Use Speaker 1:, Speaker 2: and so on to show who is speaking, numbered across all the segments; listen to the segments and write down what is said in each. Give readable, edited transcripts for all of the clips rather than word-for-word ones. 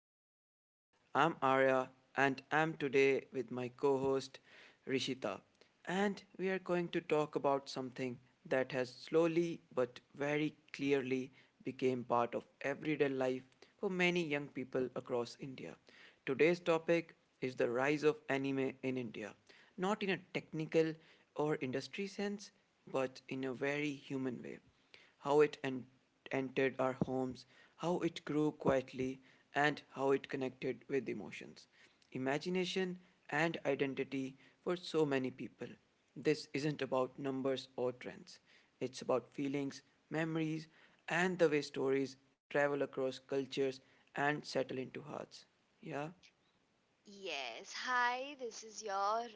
Speaker 1: to the podcast. I'm Arya, and I'm today with my co host, Rishita. And we are going to talk about something that has slowly but very clearly became part of everyday life for many young people across India. Today's topic is the rise of anime in India, not in a technical or industry sense, but in a very human way how it entered our homes, how it grew quietly, and how it connected with emotions, imagination, and identity for so many people. This isn't about numbers or trends, it's about feelings, memories, and the way stories travel across cultures and settle into hearts. Yeah?
Speaker 2: Yes. Hi, this is your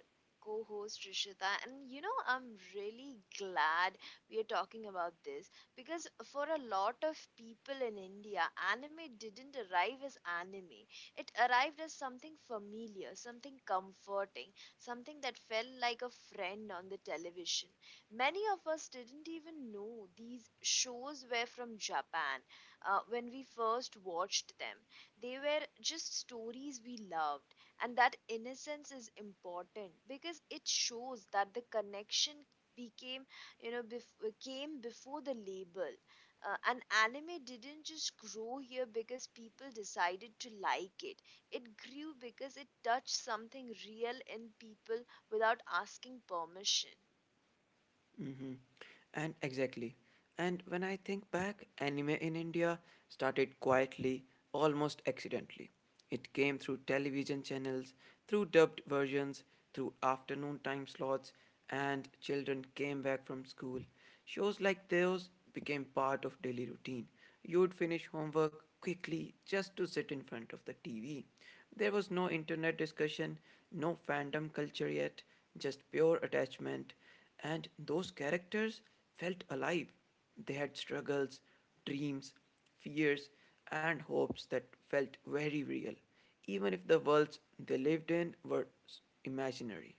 Speaker 2: co host Rishita. And you know, I'm really glad we are talking about this because for a lot of people in India, anime didn't arrive as anime. It arrived as something familiar, something comforting, something that felt like a friend on the television. Many of us didn't even know these shows were from Japan when we first watched them. They were just stories we loved, and that innocence is important because it shows that the connection became, you know, came before the label, and anime didn't just grow here because people decided to like it. It grew because it touched something real in people without asking permission.
Speaker 1: Mm-hmm. And exactly. And when I think back, anime in India started quietly, almost accidentally. It came through television channels, through dubbed versions, through afternoon time slots, and children came back from school. Shows like those became part of daily routine. You would finish homework quickly just to sit in front of the TV. There was no internet discussion, no fandom culture yet, just pure attachment. And those characters felt alive. They had struggles, dreams, fears, and hopes that felt very real, even if the worlds they lived in were imaginary.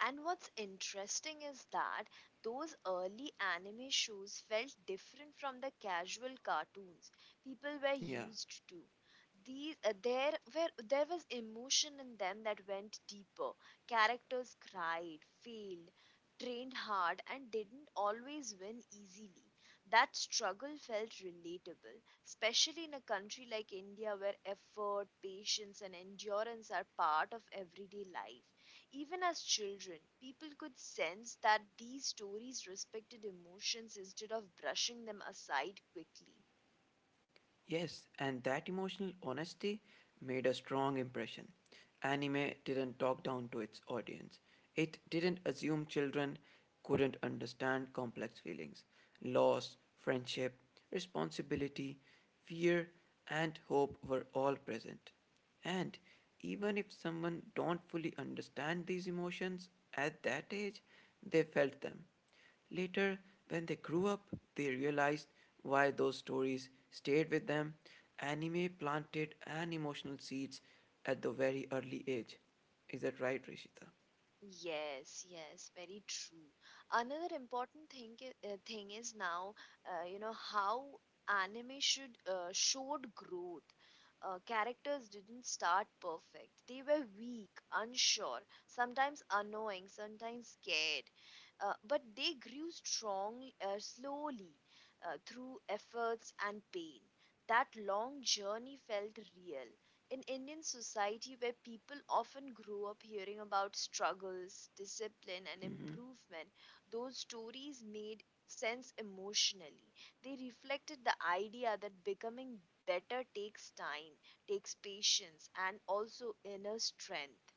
Speaker 2: And what's interesting is that those early anime shows felt different from the casual cartoons people were
Speaker 1: Yeah.
Speaker 2: used to. These there were there was emotion in them that went deeper. Characters cried, failed, trained hard, and didn't always win easily. That struggle felt relatable, especially in a country like India where effort, patience, and endurance are part of everyday life. Even as children, people could sense that these stories respected emotions instead of brushing them aside quickly.
Speaker 1: Yes, and that emotional honesty made a strong impression. Anime didn't talk down to its audience, it didn't assume children couldn't understand complex feelings loss, friendship, responsibility, fear, and hope were all present. And even if someone don't fully understand these emotions at that age, they felt them. Later, when they grew up, they realized why those stories stayed with them. Anime planted an emotional seeds at the very early age. Is that right, Rishita?
Speaker 2: Yes, yes, very true. Another important thing is now, you know, how anime should showed growth. Characters didn't start perfect. They were weak, unsure, sometimes annoying, sometimes scared. But they grew strong slowly through efforts and pain. That long journey felt real in Indian society where people often grow up hearing about struggles, discipline, and improvement. Those stories made sense emotionally. They reflected the idea that becoming better takes time, takes patience, and also inner strength.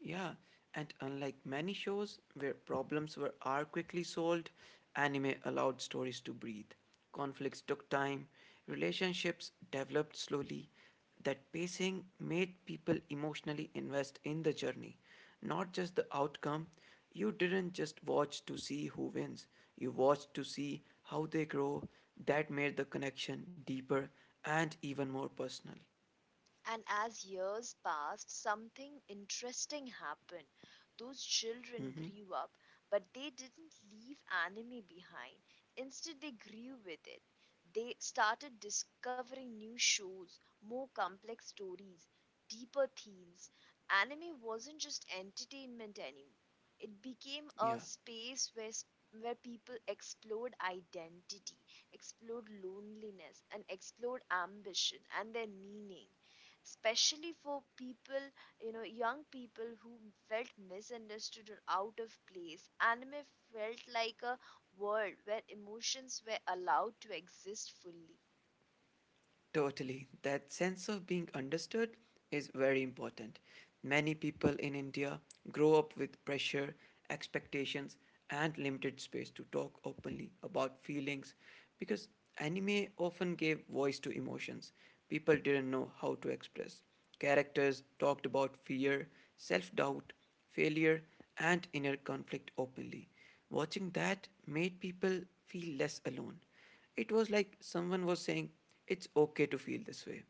Speaker 1: Yeah, and unlike many shows where problems were are quickly solved, anime allowed stories to breathe. Conflicts took time, relationships developed slowly. That pacing made people emotionally invest in the journey, not just the outcome. You didn't just watch to see who wins, you watched to see how they grow. That made the connection deeper and even more personal.
Speaker 2: And as years passed, something interesting happened. Those children
Speaker 1: Hmm.
Speaker 2: grew up, but they didn't leave anime behind. Instead, they grew with it. They started discovering new shows, more complex stories, deeper themes. Anime wasn't just entertainment anymore, it became a
Speaker 1: Yeah.
Speaker 2: space where people explored identity, explored loneliness, and explored ambition and their meaning, especially for people, you know, young people who felt misunderstood or out of place. Anime felt like a world where emotions were allowed to exist fully.
Speaker 1: Totally. That sense of being understood is very important. Many people in India grow up with pressure, expectations, and limited space to talk openly about feelings because anime often gave voice to emotions people didn't know how to express. Characters talked about fear, self doubt, failure, and inner conflict openly. Watching that made people feel less alone. It was like someone was saying, It's okay to feel this way.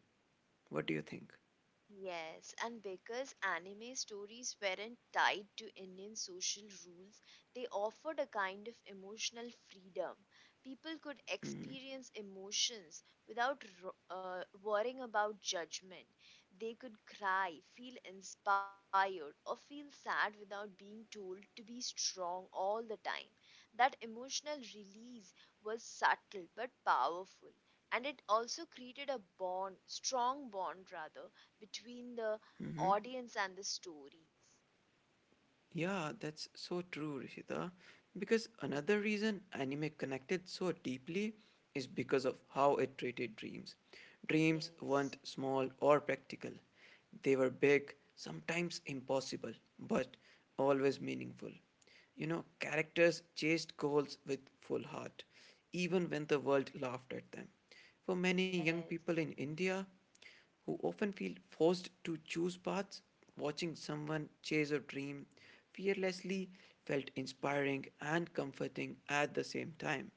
Speaker 1: What do you think?
Speaker 2: Yes, and because anime stories weren't tied to Indian social rules, they offered a kind of emotional freedom. People could
Speaker 1: Mm-hmm.
Speaker 2: experience emotions without worrying about judgment. They could cry, feel inspired, or feel sad without being told to be strong all the time. That emotional release was subtle but powerful. And it also created a bond, strong bond rather, between the
Speaker 1: Mm-hmm.
Speaker 2: audience and the stories.
Speaker 1: Yeah, that's so true, Rishita. Because another reason anime connected so deeply is because of how it treated dreams. Dreams weren't
Speaker 2: Yes,
Speaker 1: small or practical, they were big, sometimes impossible, but always meaningful. Characters chased goals with full heart, even when the world laughed at them. For many young people
Speaker 2: yes,
Speaker 1: in India, who often feel forced to choose paths, watching someone chase a dream fearlessly felt inspiring and comforting at the same time.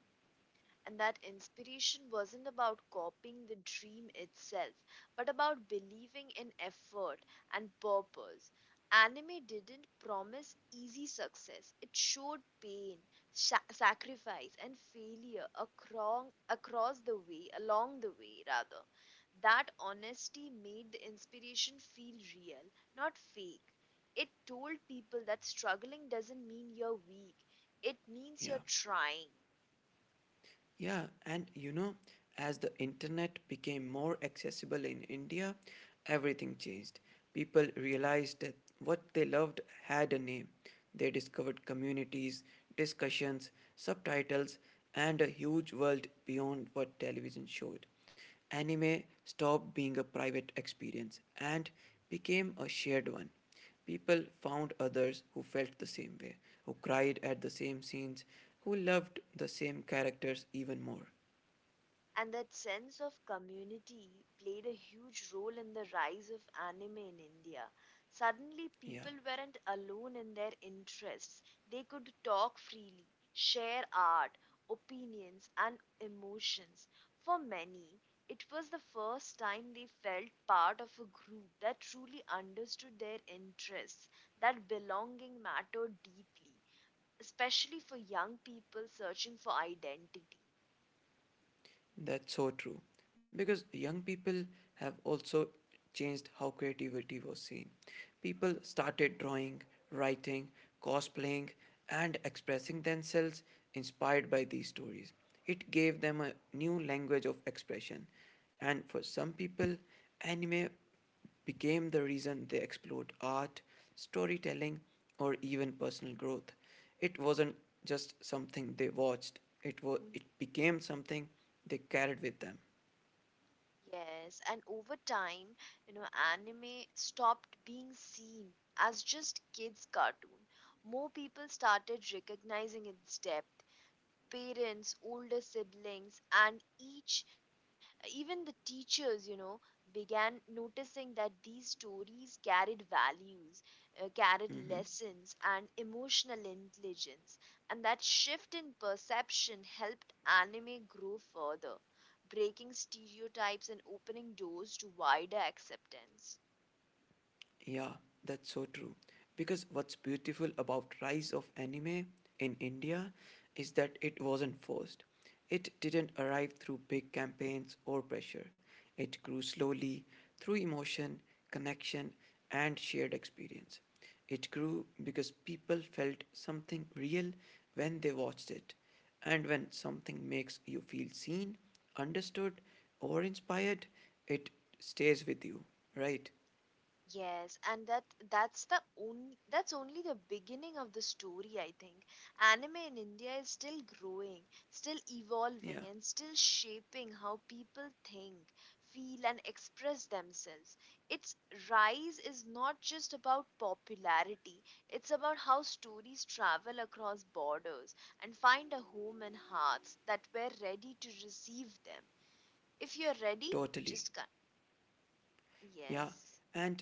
Speaker 2: and that inspiration wasn't about copying the dream itself, but about believing in effort and purpose. Anime didn't promise easy success, it showed pain, sacrifice, and failure across, across the way, along the way, rather. That honesty made the inspiration feel real, not fake. It told people that struggling doesn't mean you're weak, it means
Speaker 1: Yeah,
Speaker 2: you're trying.
Speaker 1: yeah, as the internet became more accessible in India, everything changed. People realized that what they loved had a name. They discovered communities, discussions, subtitles, and a huge world beyond what television showed. Anime stopped being a private experience and became a shared one. People found others who felt the same way, who cried at the same scenes, who loved the same characters even more.
Speaker 2: And that sense of community played a huge role in the rise of anime in India. Suddenly,
Speaker 1: Yeah.
Speaker 2: people weren't alone in their interests. They could talk freely, share art, opinions, and emotions. For many, it was the first time they felt part of a group that truly understood their interests. That belonging mattered deeply, especially for young people searching for identity.
Speaker 1: That's so true. Because young people have also changed how creativity was seen. People started drawing, writing, cosplaying, and expressing themselves inspired by these stories. It gave them a new language of expression. And for some people, anime became the reason they explored art, storytelling, or even personal growth. It wasn't just something they watched, it became something they carried with them.
Speaker 2: Yes, and over time, you know, anime stopped being seen as just kids' cartoon. More people started recognizing its depth. Parents, older siblings, and each, even the teachers, you know, began noticing that these stories carried values, carried
Speaker 1: Mm-hmm.
Speaker 2: lessons, and emotional intelligence. And that shift in perception helped anime grow further, breaking stereotypes and opening doors to wider acceptance.
Speaker 1: Yeah, that's so true. Because what's beautiful about rise of anime in India is that it wasn't forced. It didn't arrive through big campaigns or pressure. It grew slowly through emotion, connection, and shared experience. It grew because people felt something real when they watched it. And when something makes you feel seen, understood, or inspired, it stays with you, right?
Speaker 2: Yes, and that's only the beginning of the story, I think. Anime in India is still growing, still evolving,
Speaker 1: Yeah.
Speaker 2: and still shaping how people think, feel, and express themselves. Its rise is not just about popularity, it's about how stories travel across borders and find a home in hearts that were ready to receive them. If you're ready,
Speaker 1: Totally.
Speaker 2: just come.
Speaker 1: Yeah.
Speaker 2: Yes.
Speaker 1: And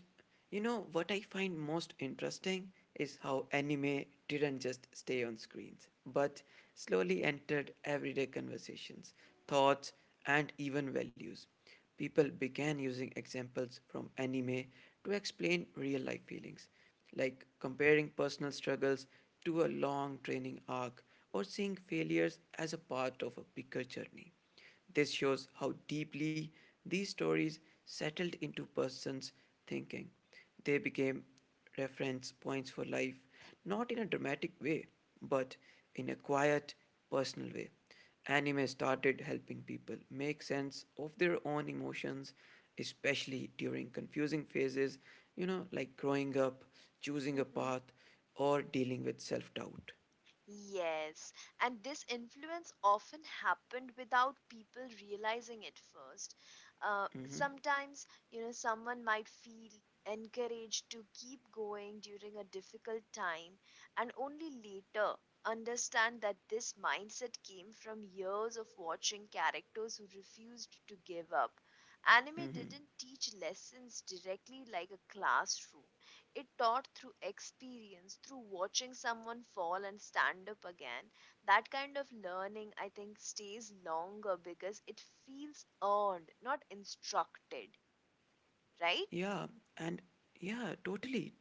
Speaker 1: you know what I find most interesting is how anime didn't just stay on screens, but slowly entered everyday conversations, thoughts, and even values. People began using examples from anime to explain real life feelings, like comparing personal struggles to a long training arc or seeing failures as a part of a bigger journey. This shows how deeply these stories settled into persons' thinking. They became reference points for life, not in a dramatic way, but in a quiet, personal way. Anime started helping people make sense of their own emotions, especially during confusing phases, like growing up, choosing a path, or dealing with self doubt.
Speaker 2: Yes, and this influence often happened without people realizing it first. Sometimes, you know, someone might feel encouraged to keep going during a difficult time and only later understand that this mindset came from years of watching characters who refused to give up. Anime didn't teach lessons directly like a classroom. It taught through experience, through watching someone fall and stand up again. That kind of learning, I think, stays longer because it feels earned, not instructed, right?
Speaker 1: Yeah, and yeah, totally.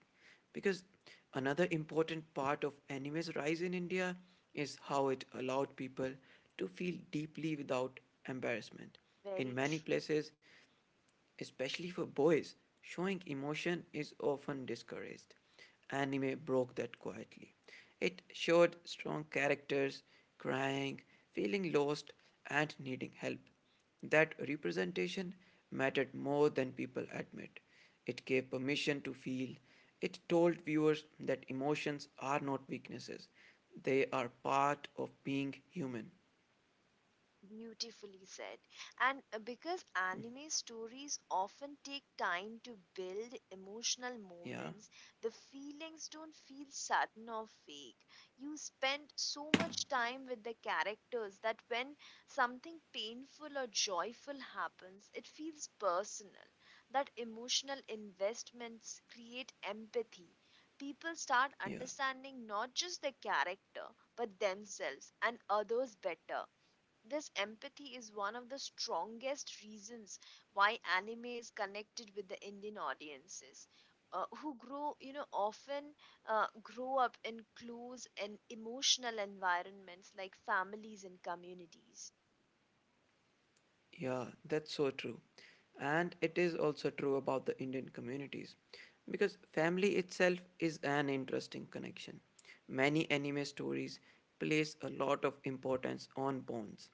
Speaker 1: Because another important part of anime's rise in India is how it allowed people to feel deeply without embarrassment. In
Speaker 2: Very
Speaker 1: many
Speaker 2: true.
Speaker 1: places, especially for boys, showing emotion is often discouraged. Anime broke that quietly. It showed strong characters crying, feeling lost, and needing help. That representation mattered more than people admit. It gave permission to feel. It told viewers that emotions are not weaknesses, they are part of being human.
Speaker 2: Beautifully said. And because anime stories often take time to build emotional
Speaker 1: Yeah,
Speaker 2: moments, the feelings don't feel sudden or fake. You spend so much time with the characters that when something painful or joyful happens, it feels personal. That emotional investments create empathy. People start
Speaker 1: yeah.
Speaker 2: understanding not just the character, but themselves and others better. This empathy is one of the strongest reasons why anime is connected with the Indian audiences. Who grow, you know, often grow up in close and emotional environments like families and communities.
Speaker 1: Yeah, that's so true. And it is also true about the Indian communities because family itself is an interesting connection. Many anime stories place a lot of importance on bonds,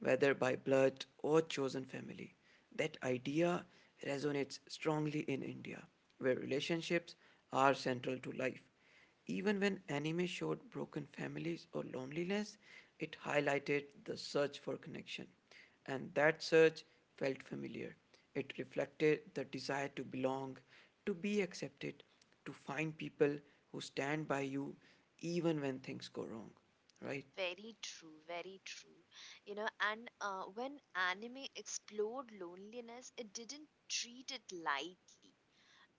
Speaker 1: whether by blood or chosen family. That idea resonates strongly in India, where relationships are central to life. Even when anime showed broken families or loneliness, it highlighted the search for connection and that search felt familiar. It reflected the desire to belong, to be accepted, to find people who stand by you even when things go wrong, right?
Speaker 2: Very true, very true. You know, and when anime explored loneliness, it didn't treat it lightly.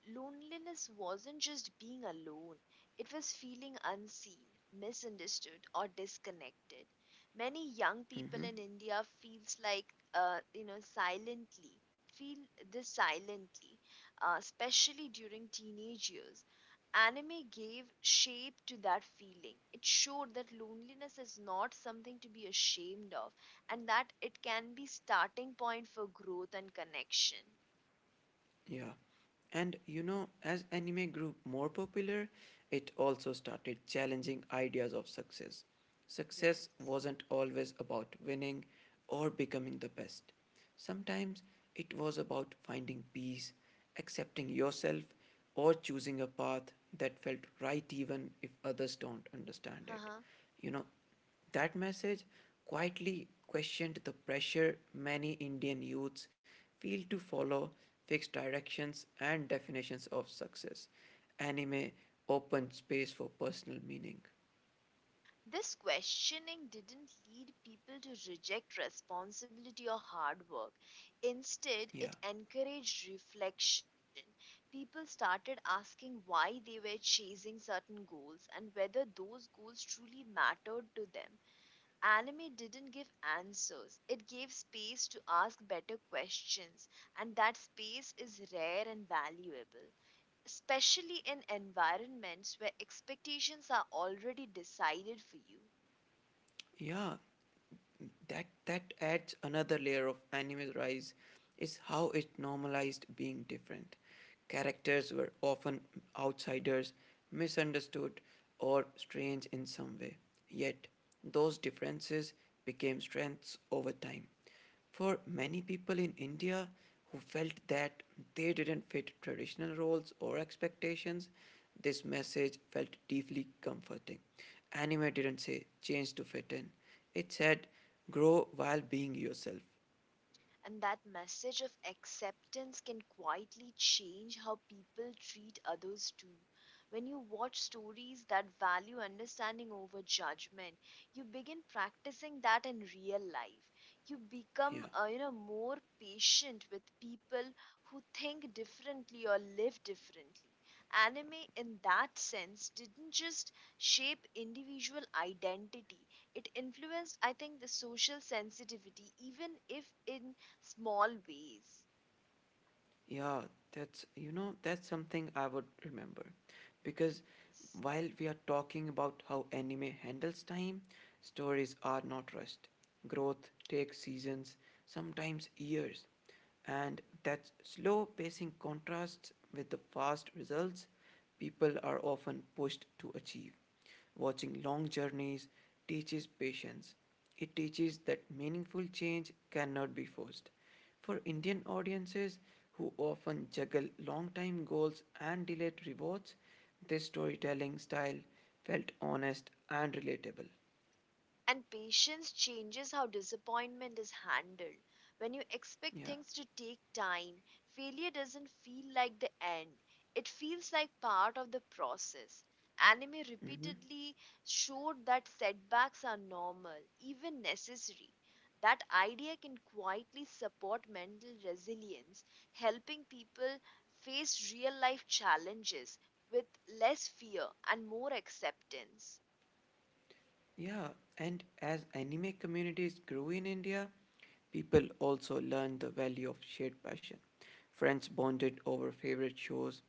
Speaker 2: Loneliness wasn't just being alone, it was feeling unseen, misunderstood, or disconnected. Many young people
Speaker 1: Mm-hmm.
Speaker 2: in India feels like, you know, silently feel this silently, especially during teenage years. Anime gave shape to that feeling. It showed that loneliness is not something to be ashamed of, and that it can be starting point for growth and connection.
Speaker 1: Yeah. And you know, as anime grew more popular, it also started challenging ideas of success. Success
Speaker 2: Yes.
Speaker 1: wasn't always about winning or becoming the best. Sometimes it was about finding peace, accepting yourself, or choosing a path that felt right even if others don't understand it. You know, that message quietly questioned the pressure many Indian youths feel to follow fixed directions and definitions of success. Anime opened space for personal meaning.
Speaker 2: This questioning didn't lead people to reject responsibility or hard work. Instead,
Speaker 1: Yeah.
Speaker 2: it encouraged reflection. People started asking why they were chasing certain goals and whether those goals truly mattered to them. Anime didn't give answers, it gave space to ask better questions, and that space is rare and valuable, especially in environments where expectations are already decided for you.
Speaker 1: Yeah, that adds another layer of anime's rise is how it normalized being different. Characters were often outsiders, misunderstood, or strange in some way. Yet, those differences became strengths over time. For many people in India who felt that they didn't fit traditional roles or expectations, this message felt deeply comforting. Anime didn't say change to fit in, it said grow while being yourself.
Speaker 2: And that message of acceptance can quietly change how people treat others too. When you watch stories that value understanding over judgment, you begin practicing that in real life. You become,
Speaker 1: Yeah.
Speaker 2: you know, more patient with people who think differently or live differently. Anime, in that sense, didn't just shape individual identity, it influenced, I think, the social sensitivity, even if in small ways.
Speaker 1: Yeah, that's something I would remember. Because
Speaker 2: Yes.
Speaker 1: while we are talking about how anime handles time, stories are not rushed. Growth takes seasons, sometimes years. And that slow pacing contrasts with the fast results people are often pushed to achieve. Watching long journeys teaches patience. It teaches that meaningful change cannot be forced. For Indian audiences, who often juggle long time goals and delayed rewards, this storytelling style felt honest and relatable.
Speaker 2: And patience changes how disappointment is handled. When you expect
Speaker 1: Yeah.
Speaker 2: things to take time, failure doesn't feel like the end, it feels like part of the process. Anime
Speaker 1: Hmm.
Speaker 2: repeatedly showed that setbacks are normal, even necessary. That idea can quietly support mental resilience, helping people face real life challenges with less fear and more acceptance.
Speaker 1: Yeah. And as anime communities grew in India, people also learned the value of shared passion. Friends bonded over favorite shows,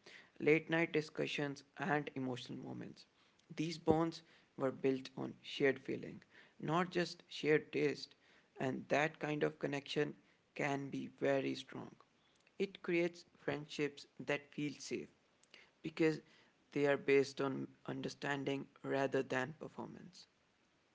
Speaker 1: late night discussions, and emotional moments. These bonds were built on shared feeling, not just shared taste, and that kind of connection can be very strong. It creates friendships that feel safe because they are based on understanding rather than performance.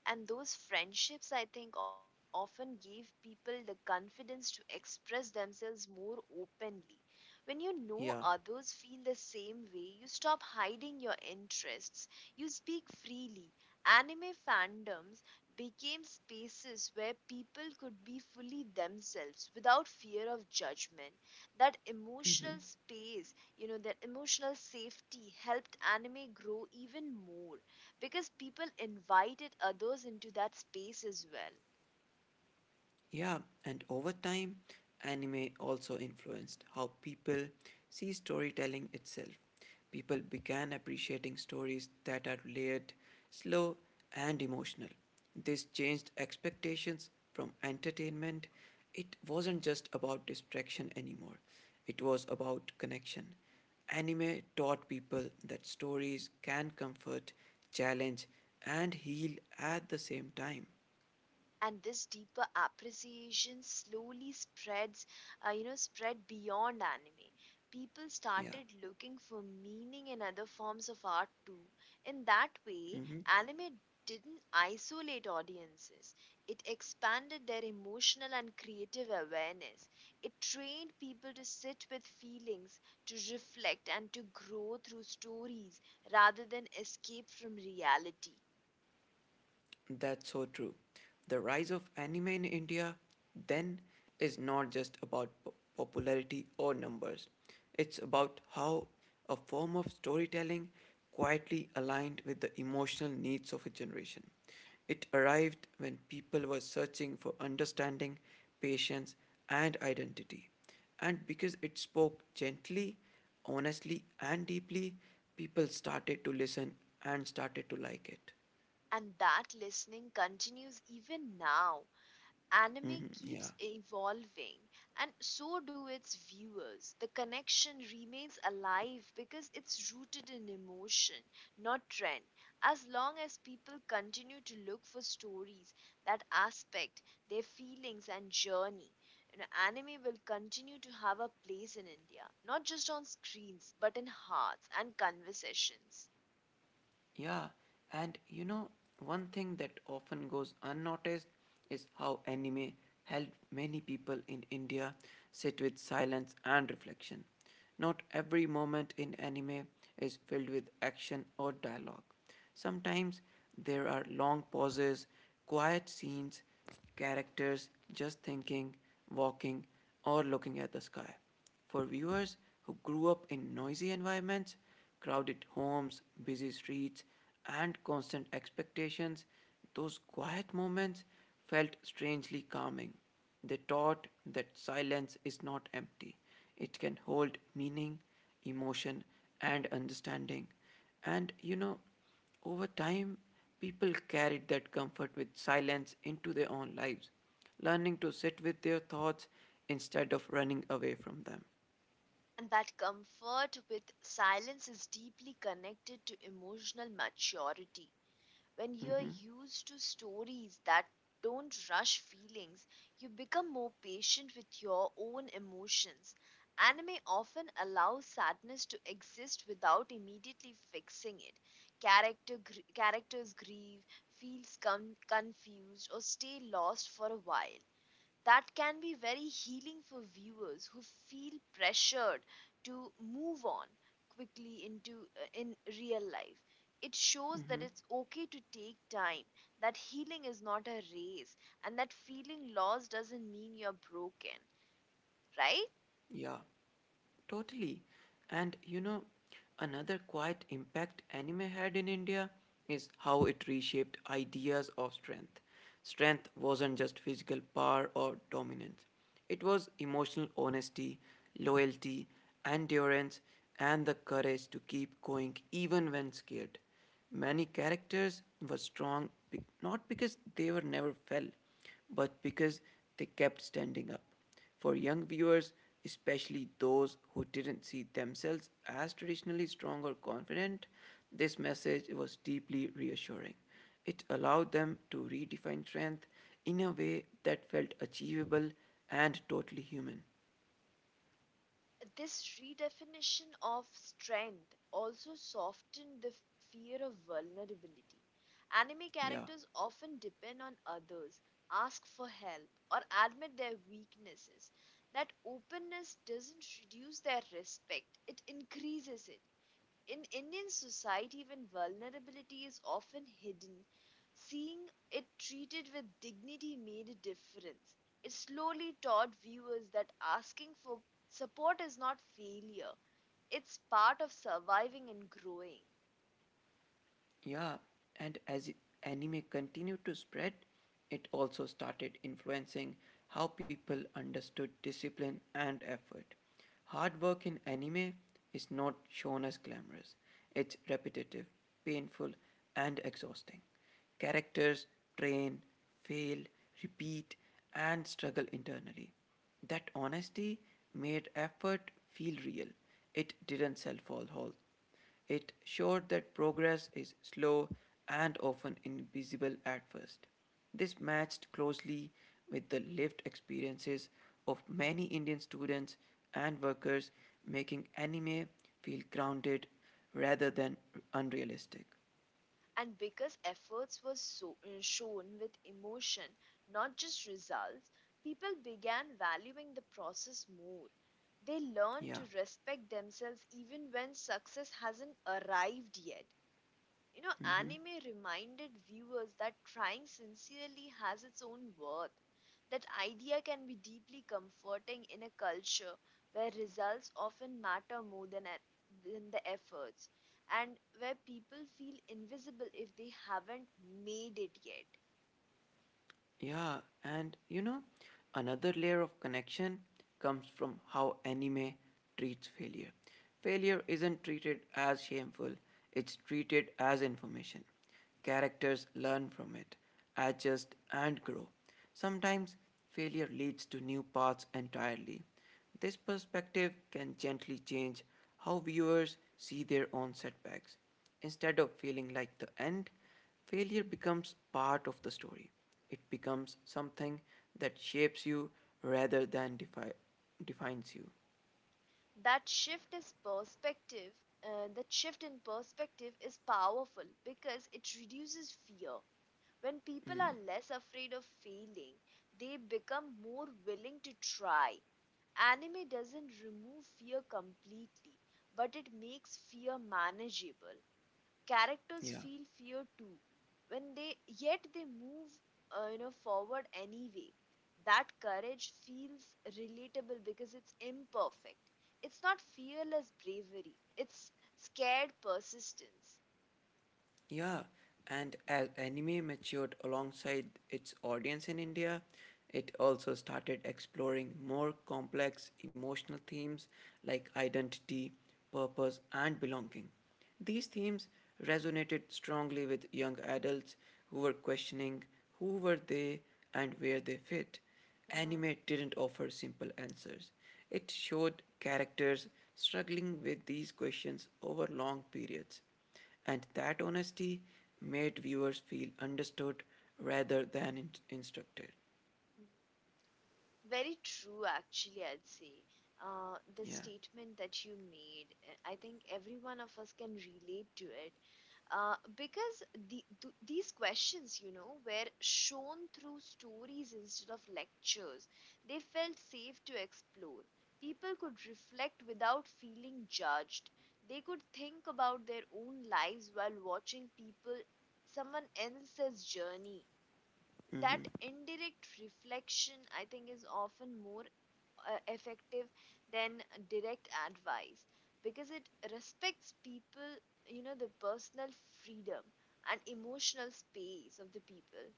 Speaker 2: And those friendships, I think, often gave people the confidence to express themselves more openly. When you know
Speaker 1: Yeah.
Speaker 2: others feel the same way, you stop hiding your interests. You speak freely. Anime fandoms became spaces where people could be fully themselves without fear of judgment. That
Speaker 1: Mhm.
Speaker 2: emotional space, you know, that emotional safety helped anime grow even more because people invited others into that space as well.
Speaker 1: Yeah, and over time, anime also influenced how people see storytelling itself. People began appreciating stories that are layered, slow, and emotional. This changed expectations from entertainment. It wasn't just about distraction anymore, it was about connection. Anime taught people that stories can comfort, challenge, and heal at the same time.
Speaker 2: And this deeper appreciation slowly spreads, you know, spread beyond anime. People
Speaker 1: Yeah.
Speaker 2: started looking for meaning in other forms of art too. In that way,
Speaker 1: Mhm.
Speaker 2: anime didn't isolate audiences, it expanded their emotional and creative awareness. It trained people to sit with feelings, to reflect, and to grow through stories rather than escape from reality.
Speaker 1: That's so true. The rise of anime in India then is not just about popularity or numbers, it's about how a form of storytelling quietly aligned with the emotional needs of a generation. It arrived when people were searching for understanding, patience, and identity. And because it spoke gently, honestly, and deeply, people started to listen and started to like it.
Speaker 2: And that listening continues even now. Anime
Speaker 1: Hmm. Yeah.
Speaker 2: keeps evolving, and so do its viewers. The connection remains alive because it's rooted in emotion, not trend. As long as people continue to look for stories that aspect their feelings and journey, you know, anime will continue to have a place in India, not just on screens, but in hearts and conversations.
Speaker 1: Yeah, and you know, one thing that often goes unnoticed is how anime helped many people in India sit with silence and reflection. Not every moment in anime is filled with action or dialogue. Sometimes there are long pauses, quiet scenes, characters just thinking, walking, or looking at the sky. For viewers who grew up in noisy environments, crowded homes, busy streets, and constant expectations, those quiet moments felt strangely calming. They taught that silence is not empty, it can hold meaning, emotion, and understanding. And you know, over time, people carried that comfort with silence into their own lives, learning to sit with their thoughts instead of running away from them.
Speaker 2: And that comfort with silence is deeply connected to emotional maturity. When you're
Speaker 1: Hmm.
Speaker 2: used to stories that don't rush feelings, you become more patient with your own emotions. Anime often allows sadness to exist without immediately fixing it. Characters grieve, feels confused, or stay lost for a while. That can be very healing for viewers who feel pressured to move on quickly into, in real life. It shows that it's okay to take time, that healing is not a race, and that feeling lost doesn't mean you're broken, right?
Speaker 1: Yeah. Totally. And you know, another quiet impact anime had in India is how it reshaped ideas of strength. Strength wasn't just physical power or dominance, it was emotional honesty, loyalty, endurance, and the courage to keep going even when scared. Many characters were strong not because they were never fell, but because they kept standing up. For young viewers, especially those who didn't see themselves as traditionally strong or confident, this message was deeply reassuring. It allowed them to redefine strength in a way that felt achievable and totally human.
Speaker 2: This redefinition of strength also softened the fear of vulnerability. Anime
Speaker 1: Yeah.
Speaker 2: characters often depend on others, ask for help, or admit their weaknesses. That openness doesn't reduce their respect, it increases it. In Indian society, when vulnerability is often hidden, seeing it treated with dignity made a difference. It slowly taught viewers that asking for support is not failure, it's part of surviving and growing.
Speaker 1: Yeah, and as anime continued to spread, it also started influencing how people understood discipline and effort. Hard work in anime is not shown as glamorous, it's repetitive, painful, and exhausting. Characters train, fail, repeat, and struggle internally. That honesty made effort feel real. It didn't sell false hope, it showed that progress is slow and often invisible at first. This matched closely with the lived experiences of many Indian students and workers, making anime feel grounded rather than unrealistic.
Speaker 2: And because efforts were so, shown with emotion, not just results, people began valuing the process more. They learned
Speaker 1: Yeah.
Speaker 2: to respect themselves even when success hasn't arrived yet. You know,
Speaker 1: Mhm.
Speaker 2: anime reminded viewers that trying sincerely has its own worth. That idea can be deeply comforting in a culture where results often matter more than, than the efforts, and where people feel invisible if they haven't made it yet.
Speaker 1: Yeah, and you know, another layer of connection comes from how anime treats failure. Failure isn't treated as shameful, it's treated as information. Characters learn from it, adjust, and grow. Sometimes failure leads to new paths entirely. This perspective can gently change how viewers see their own setbacks. Instead of feeling like the end, failure becomes part of the story. It becomes something that shapes you rather than defines you.
Speaker 2: That shift is perspective, that shift in perspective is powerful because it reduces fear. When people are
Speaker 1: Mm,
Speaker 2: less afraid of failing, they become more willing to try. Anime doesn't remove fear completely, but it makes fear manageable. Characters
Speaker 1: yeah.
Speaker 2: feel fear too. When they yet they move forward anyway. That courage feels relatable because it's imperfect. It's not fearless bravery. It's scared persistence.
Speaker 1: Yeah, and as anime matured alongside its audience in India, it also started exploring more complex emotional themes like identity, purpose, and belonging. These themes resonated strongly with young adults who were questioning who were they and where they fit.
Speaker 2: Uh-huh.
Speaker 1: Anime didn't offer simple answers. It showed characters struggling with these questions over long periods. And that honesty made viewers feel understood rather than instructed.
Speaker 2: Very true, actually, I'd say. The
Speaker 1: Yeah.
Speaker 2: statement that you made, I think every one of us can relate to it. Because these questions, were shown through stories instead of lectures. They felt safe to explore. People could reflect without feeling judged. They could think about their own lives while watching someone else's journey. That
Speaker 1: Mm-hmm.
Speaker 2: indirect reflection, I think, is often more effective than direct advice, because it respects people you know the personal freedom and emotional space of the people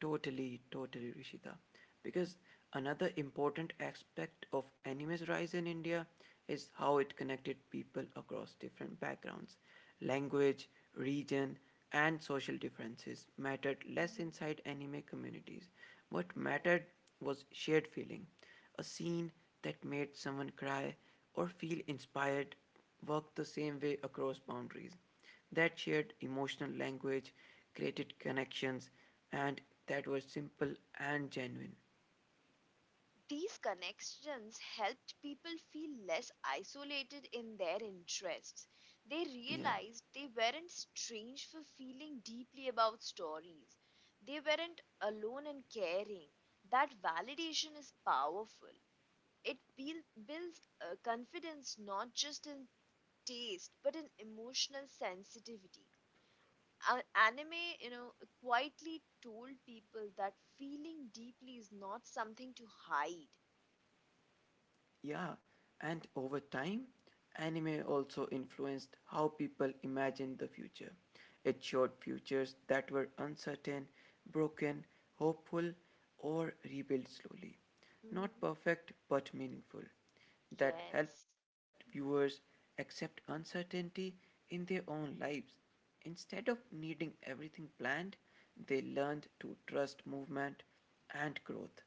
Speaker 1: Totally, totally, Rishita. Because another important aspect of anime's rise in India is how it connected people across different backgrounds. Language, region, and social differences mattered less
Speaker 2: hmm.
Speaker 1: inside anime communities. What mattered
Speaker 2: Yes.
Speaker 1: was shared feeling. A scene that made someone cry or feel inspired worked the same way across boundaries. That shared emotional language created connections, and that were simple and genuine.
Speaker 2: These connections helped people feel less isolated in their interests. They
Speaker 1: Yeah.
Speaker 2: realized they weren't strange for feeling deeply about stories. They weren't alone in caring. That validation is powerful. It builds confidence not just in taste but in emotional sensitivity. Anime, quietly told people that feeling deeply is not something to hide.
Speaker 1: Yeah, and over time, anime also influenced how people imagined the future. It showed futures that were uncertain, broken, hopeful, or rebuilt slowly. Not perfect, but meaningful. That helped
Speaker 2: Yes,
Speaker 1: viewers accept uncertainty in their own lives. Instead of needing everything planned, they learned to trust movement and growth.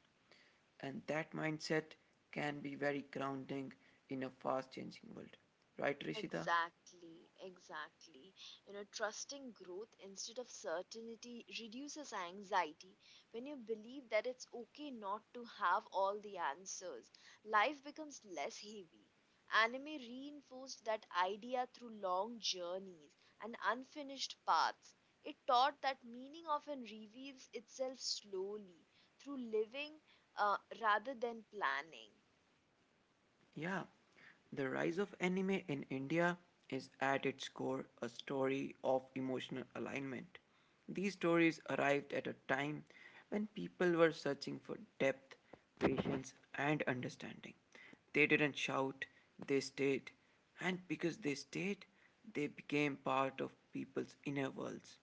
Speaker 1: And that mindset can be very grounding in a fast changing world. Right, Rishita?
Speaker 2: exactly, exactly. You know, trusting growth instead of certainty reduces anxiety. When you believe that it's okay not to have all the answers, life becomes less heavy. Anime reinforced that idea through long journeys and unfinished paths. It taught that meaning often reveals itself slowly through living, rather than planning.
Speaker 1: Yeah. The rise of anime in India is at its core a story of emotional alignment. These stories arrived at a time when people were searching for depth, patience, and understanding. They didn't shout, they stayed. And because they stayed, they became part of people's inner worlds.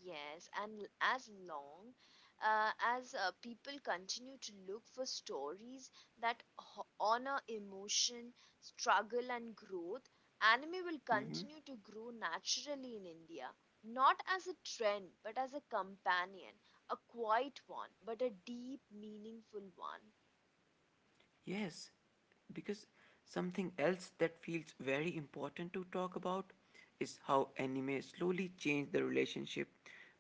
Speaker 2: Yes, and as people continue to look for stories that honor emotion, struggle, and growth, anime will
Speaker 1: Mm-hmm.
Speaker 2: continue to grow naturally in India, not as a trend, but as a companion, a quiet one, but a deep, meaningful one.
Speaker 1: Yes, because something else that feels very important to talk about is how anime slowly changed the relationship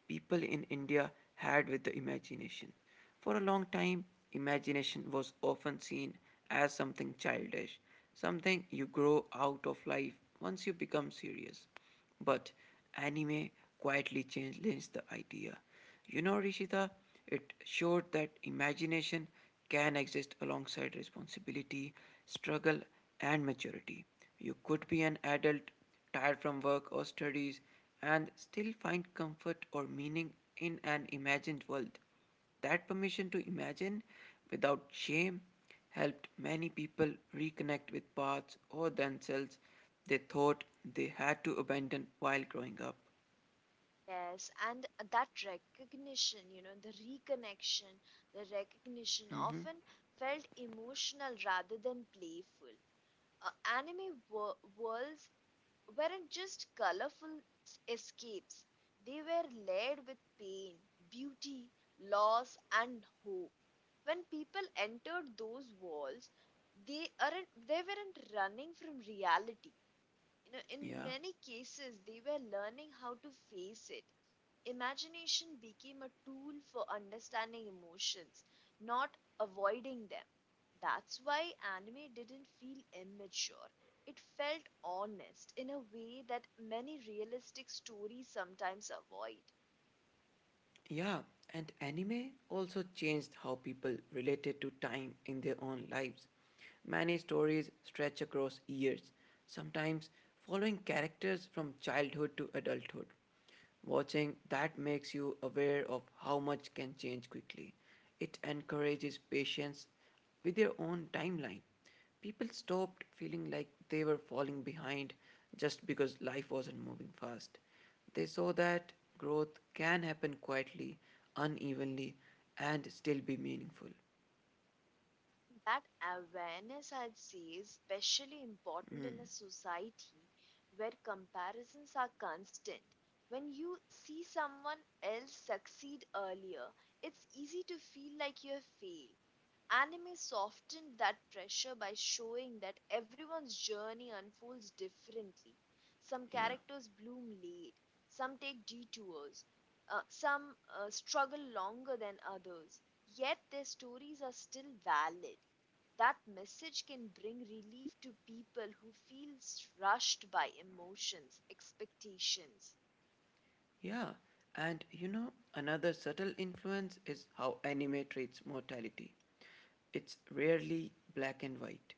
Speaker 1: people in India had with the imagination. For a long time, imagination was often seen as something childish, something you grow out of life once you become serious. But anime quietly challenged the idea. You know, Rishita, it showed that imagination can exist alongside responsibility, struggle, and maturity. You could be an adult, tired from work or studies, and still find comfort or meaning in an imagined world. That permission to imagine without shame helped many people reconnect with paths or themselves they thought they had to abandon while growing up.
Speaker 2: Yes, and that recognition, you know, the reconnection, the recognition
Speaker 1: Hmm.
Speaker 2: often felt emotional rather than playful. Uh, anime worlds weren't just colorful escapes, they were laid with pain, beauty, loss, and hope. When people entered those walls, they weren't running from reality. You know, in
Speaker 1: Yeah.
Speaker 2: many cases, they were learning how to face it. Imagination became a tool for understanding emotions, not avoiding them. That's why anime didn't feel immature. It felt honest in a way that many realistic stories sometimes avoid.
Speaker 1: Yeah, and anime also changed how people related to time in their own lives. Many stories stretch across years, sometimes following characters from childhood to adulthood. Watching that makes you aware of how much can change quickly. It encourages patience with their own timeline. People stopped feeling like they were falling behind just because life wasn't moving fast. They saw that growth can happen quietly, unevenly, and still be meaningful.
Speaker 2: That awareness, I'd say, is especially important in a
Speaker 1: Mm,
Speaker 2: society where comparisons are constant. When you see someone else succeed earlier, it's easy to feel like you have failed. Anime softened that pressure by showing that everyone's journey unfolds differently. Some
Speaker 1: yeah,
Speaker 2: characters bloom late, some take detours, some struggle longer than others, yet their stories are still valid. That message can bring relief to people who feel rushed by emotions, expectations.
Speaker 1: yeah. And you know, another subtle influence is how anime treats mortality. It's rarely black and white.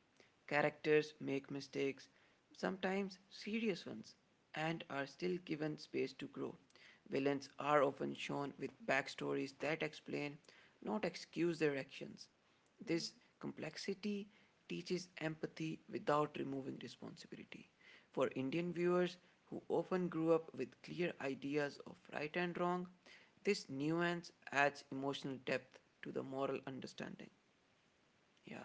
Speaker 1: Characters make mistakes, sometimes serious ones, and are still given space to grow. Villains are often shown with backstories that explain, not excuse their actions. This complexity teaches empathy without removing responsibility. For Indian viewers who often grew up with clear ideas of right and wrong, this nuance adds emotional depth to the moral understanding. Yeah.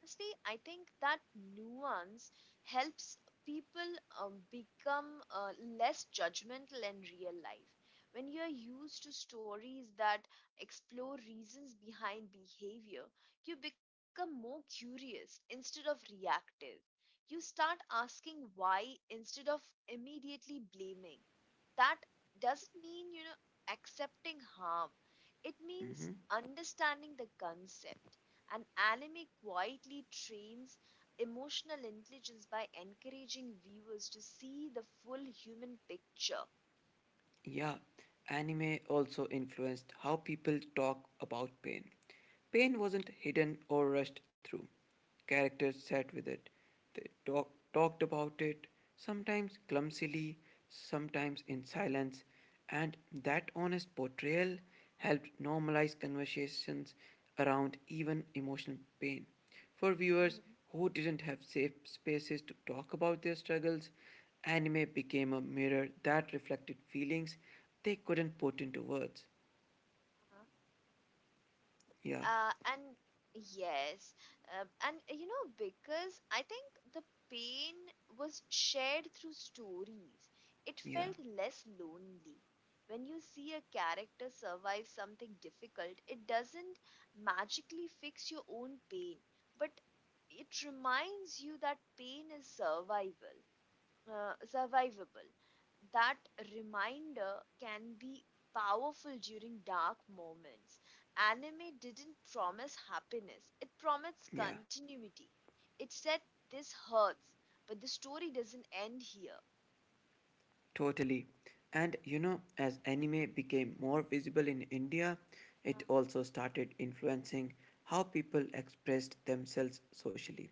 Speaker 2: Honestly, I think that nuance helps people become less judgmental in real life. When you're used to stories that explore reasons behind behavior, you become more curious instead of reactive. You start asking why instead of immediately blaming. That doesn't mean, you know, accepting harm, it means
Speaker 1: Hmm.
Speaker 2: understanding the concept. And anime quietly trains emotional intelligence by encouraging viewers to see the full human picture.
Speaker 1: Yeah. Anime also influenced how people talk about pain. Pain wasn't hidden or rushed through. Characters sat with it. They talked about it, sometimes clumsily, sometimes in silence, and that honest portrayal helped normalize conversations around even emotional pain. For viewers
Speaker 2: Mhm.
Speaker 1: who didn't have safe spaces to talk about their struggles, anime became a mirror that reflected feelings they couldn't put into words. Yeah,
Speaker 2: And yes, and You know, because I think the pain was shared through stories, it
Speaker 1: yeah,
Speaker 2: felt less lonely. When you see a character survive something difficult, it doesn't magically fix your own pain, but it reminds you that pain is survival survivable. That reminder can be powerful during dark moments. Anime didn't promise happiness, it promised
Speaker 1: yeah,
Speaker 2: continuity. It said, "This hurts, but the story doesn't end here."
Speaker 1: totally. And you know, as anime became more visible in India, it
Speaker 2: Uh-huh.
Speaker 1: also started influencing how people expressed themselves socially.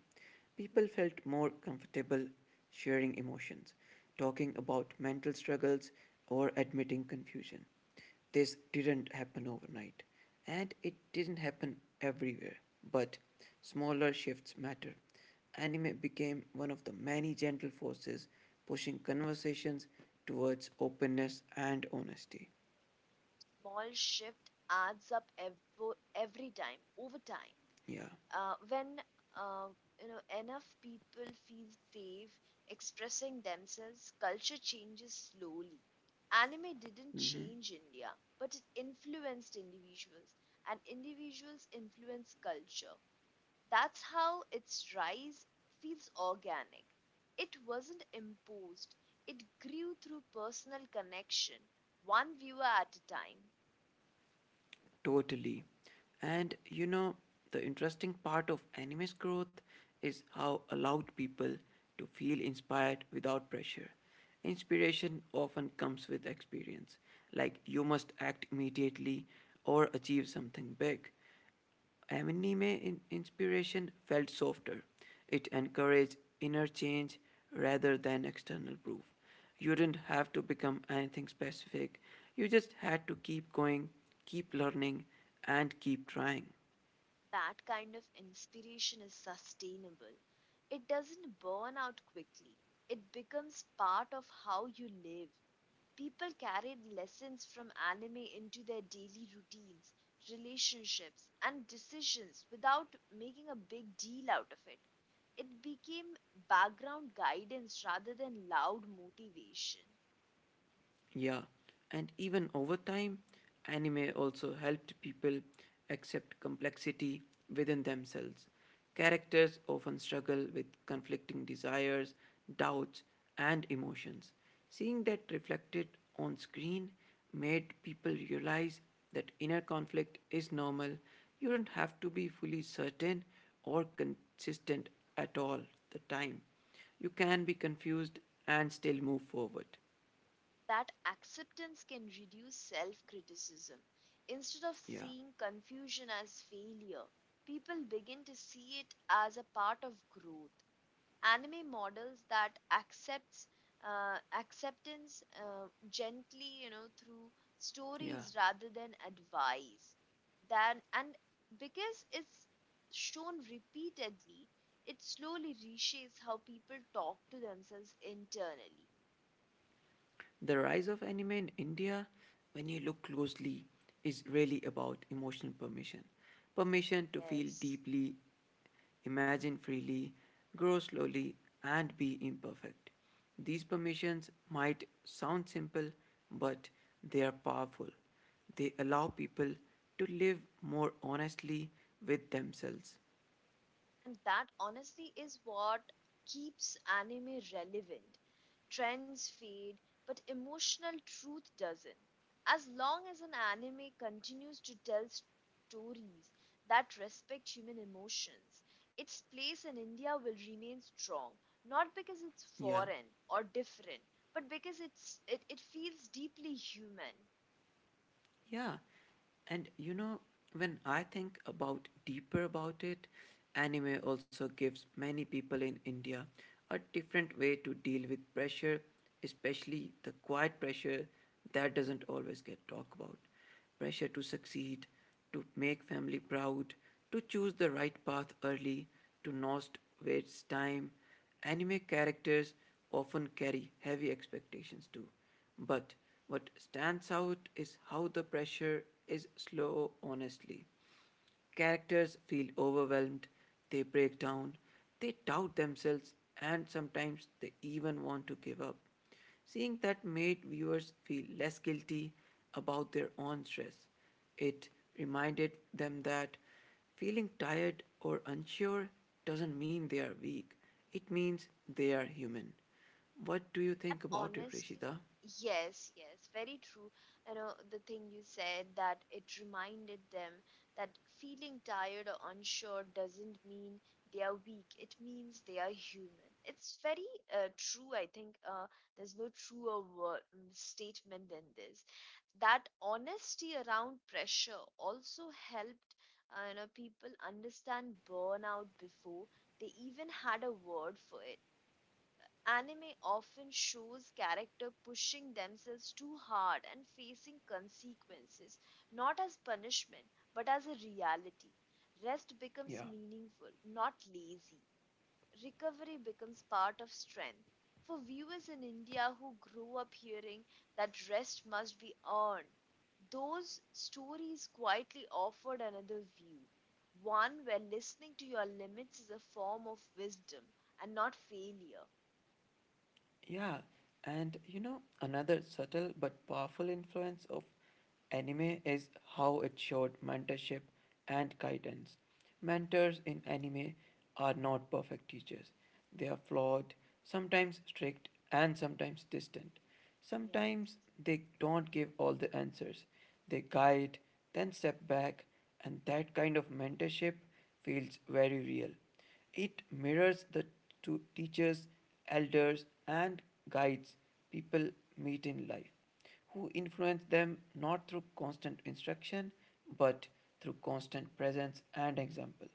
Speaker 1: People felt
Speaker 2: Mhm.
Speaker 1: more comfortable sharing emotions, talking about mental struggles, or admitting confusion. This didn't happen overnight, and it didn't happen everywhere, but smaller shifts matter. Anime became one of the many gentle forces pushing conversations towards openness and honesty.
Speaker 2: Small shift adds up every time, over time.
Speaker 1: Yeah.
Speaker 2: When uh, enough people feel safe expressing themselves, culture changes slowly. Anime didn't
Speaker 1: Mm-hmm.
Speaker 2: change India, but it influenced individuals, and individuals influence culture. That's how its rise feels organic. It wasn't imposed, it grew through personal connection, one viewer at a time.
Speaker 1: Totally. And you know, the interesting part of anime's growth is how allowed people to feel inspired without pressure. Inspiration often comes with experience, like you must act immediately or achieve something big. Anime inspiration felt softer. It encouraged inner change rather than external proof. You didn't have to become anything specific. You just had to keep going, keep learning, and keep trying.
Speaker 2: That kind of inspiration is sustainable. It doesn't burn out quickly, it becomes part of how you live. People carried lessons from anime into their daily routines, relationships, and decisions without making a big deal out of it. It became background guidance rather than loud motivation.
Speaker 1: Yeah, and even over time, anime also helped people accept complexity within themselves. Characters often struggle with conflicting desires, doubts, and emotions. Seeing that reflected on screen made people realize that inner conflict is normal. You don't have to be fully certain or consistent at all the time. You can be confused and still move forward.
Speaker 2: That acceptance can reduce self criticism. Instead of
Speaker 1: Yeah.
Speaker 2: seeing confusion as failure, people begin to see it as a part of growth. Anime models that accepts acceptance gently, you know, through
Speaker 1: Yeah,
Speaker 2: stories rather than advice. And because it's shown repeatedly, it slowly reshapes how people talk to themselves internally.
Speaker 1: the rise of anime in India, when you look closely, is really about emotional permission. Permission to feel
Speaker 2: Yes.
Speaker 1: deeply, imagine freely, grow slowly, and be imperfect. These permissions might sound simple, but they are powerful. They allow people to live more honestly with themselves.
Speaker 2: And that honesty is what keeps anime relevant. Trends fade, but emotional truth doesn't. As long as an anime continues to tell stories that respect human emotions, its place in India will remain strong, not because it's
Speaker 1: Yeah,
Speaker 2: foreign or different, but because it feels deeply human.
Speaker 1: Yeah. And you know, when I think about deeper about it, anime also gives many people in India a different way to deal with pressure, especially the quiet pressure that doesn't always get talked about pressure to succeed, to make family proud, to choose the right path early, to not waste time. Anime characters often carry heavy expectations too. But what stands out is how the pressure is slow honestly. Characters feel overwhelmed, they break down, they doubt themselves, and sometimes they even want to give up. Seeing that made viewers feel less guilty about their own stress. It reminded them that feeling tired or unsure doesn't mean they are weak, it means they are human. What do you
Speaker 2: That
Speaker 1: think about it,
Speaker 2: honestly,
Speaker 1: Rishita?
Speaker 2: yes, yes, very true. You know, the thing you said, that it reminded them that feeling tired or unsure doesn't mean they are weak, it means they are human. It's very true, I think. There's no truer statement than this. That honesty around pressure also helped. People understand burnout before they even had a word for it. Anime often shows character pushing themselves too hard and facing consequences, not as punishment, but as a reality. Rest becomes
Speaker 1: Yeah.
Speaker 2: meaningful, not lazy. Recovery becomes part of strength. For viewers in India who grew up hearing that rest must be earned, those stories quietly offered another view, one where listening to your limits is a form of wisdom and not failure.
Speaker 1: Yeah, and you know, another subtle but powerful influence of anime is how it showed mentorship and guidance. Mentors in anime are not perfect teachers, they are flawed, sometimes strict, and sometimes distant.
Speaker 2: Yes.
Speaker 1: Sometimes they don't give all the answers, they guide, then step back, and that kind of mentorship feels very real. It mirrors the teachers, elders, and guides people meet in life, who influence them not through constant instruction but through constant presence and example.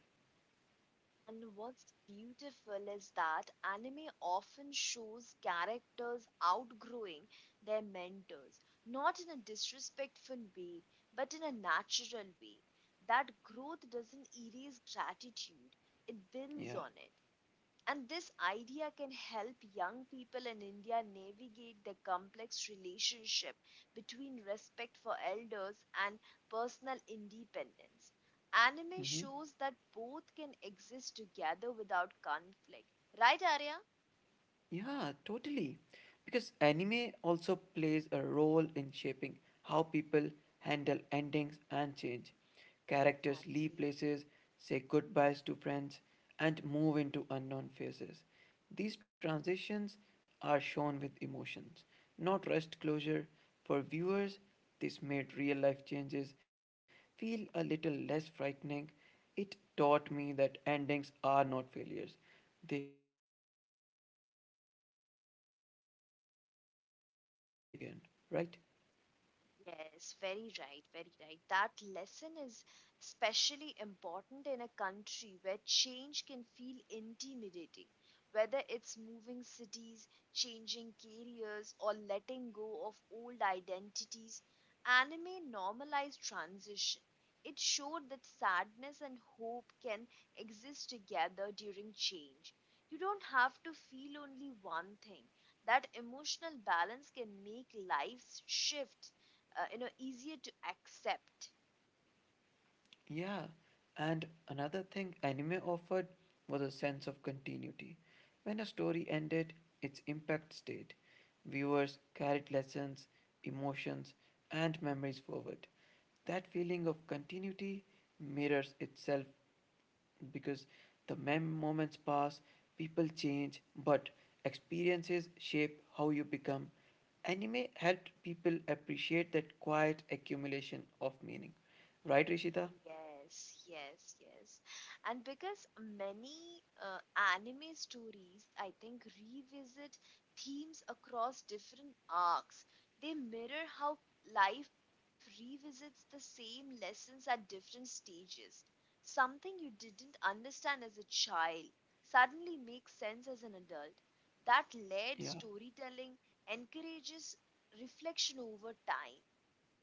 Speaker 2: And what's beautiful is that anime often shows characters outgrowing their mentors, not in a disrespectful way, but in a natural way. That growth doesn't erase gratitude, it builds
Speaker 1: Yeah.
Speaker 2: on it. And this idea can help young people in India navigate the complex relationship between respect for elders and personal independence. Anime
Speaker 1: Mm-hmm.
Speaker 2: shows that both can exist together without conflict. Right, Arya?
Speaker 1: Yeah, totally. Because anime also plays a role in shaping how people handle endings and change. Characters leave
Speaker 2: Exactly.
Speaker 1: places, say goodbyes to friends, and move into unknown phases. These transitions are shown with emotions, not rushed closure. For viewers, this made real life changes feel a little less frightening, it taught me that endings are not failures. They are unnecessary shifts that allow new chapters to begin. Right?
Speaker 2: Yes, very right, very right. That lesson is especially important in a country where change can feel intimidating, whether it's moving cities, changing careers, or letting go of old identities. Anime normalized transition. It showed that sadness and hope can exist together during change. You don't have to feel only one thing. That emotional balance can make lives shift easier to accept.
Speaker 1: Yeah. And another thing anime offered was a sense of continuity. When a story ended, its impact stayed. Viewers carried lessons, emotions, and memories forward. That feeling of continuity mirrors itself because the moments pass, people change, but experiences shape how you become. Anime helped people appreciate that quiet accumulation of meaning. Right, Rishita?
Speaker 2: Yes, yes, yes. And because many anime stories, I think, revisit themes across different arcs, they mirror how life revisits the same lessons at different stages. Something you didn't understand as a child suddenly makes sense as an adult. That led
Speaker 1: Yeah.
Speaker 2: storytelling encourages reflection over time.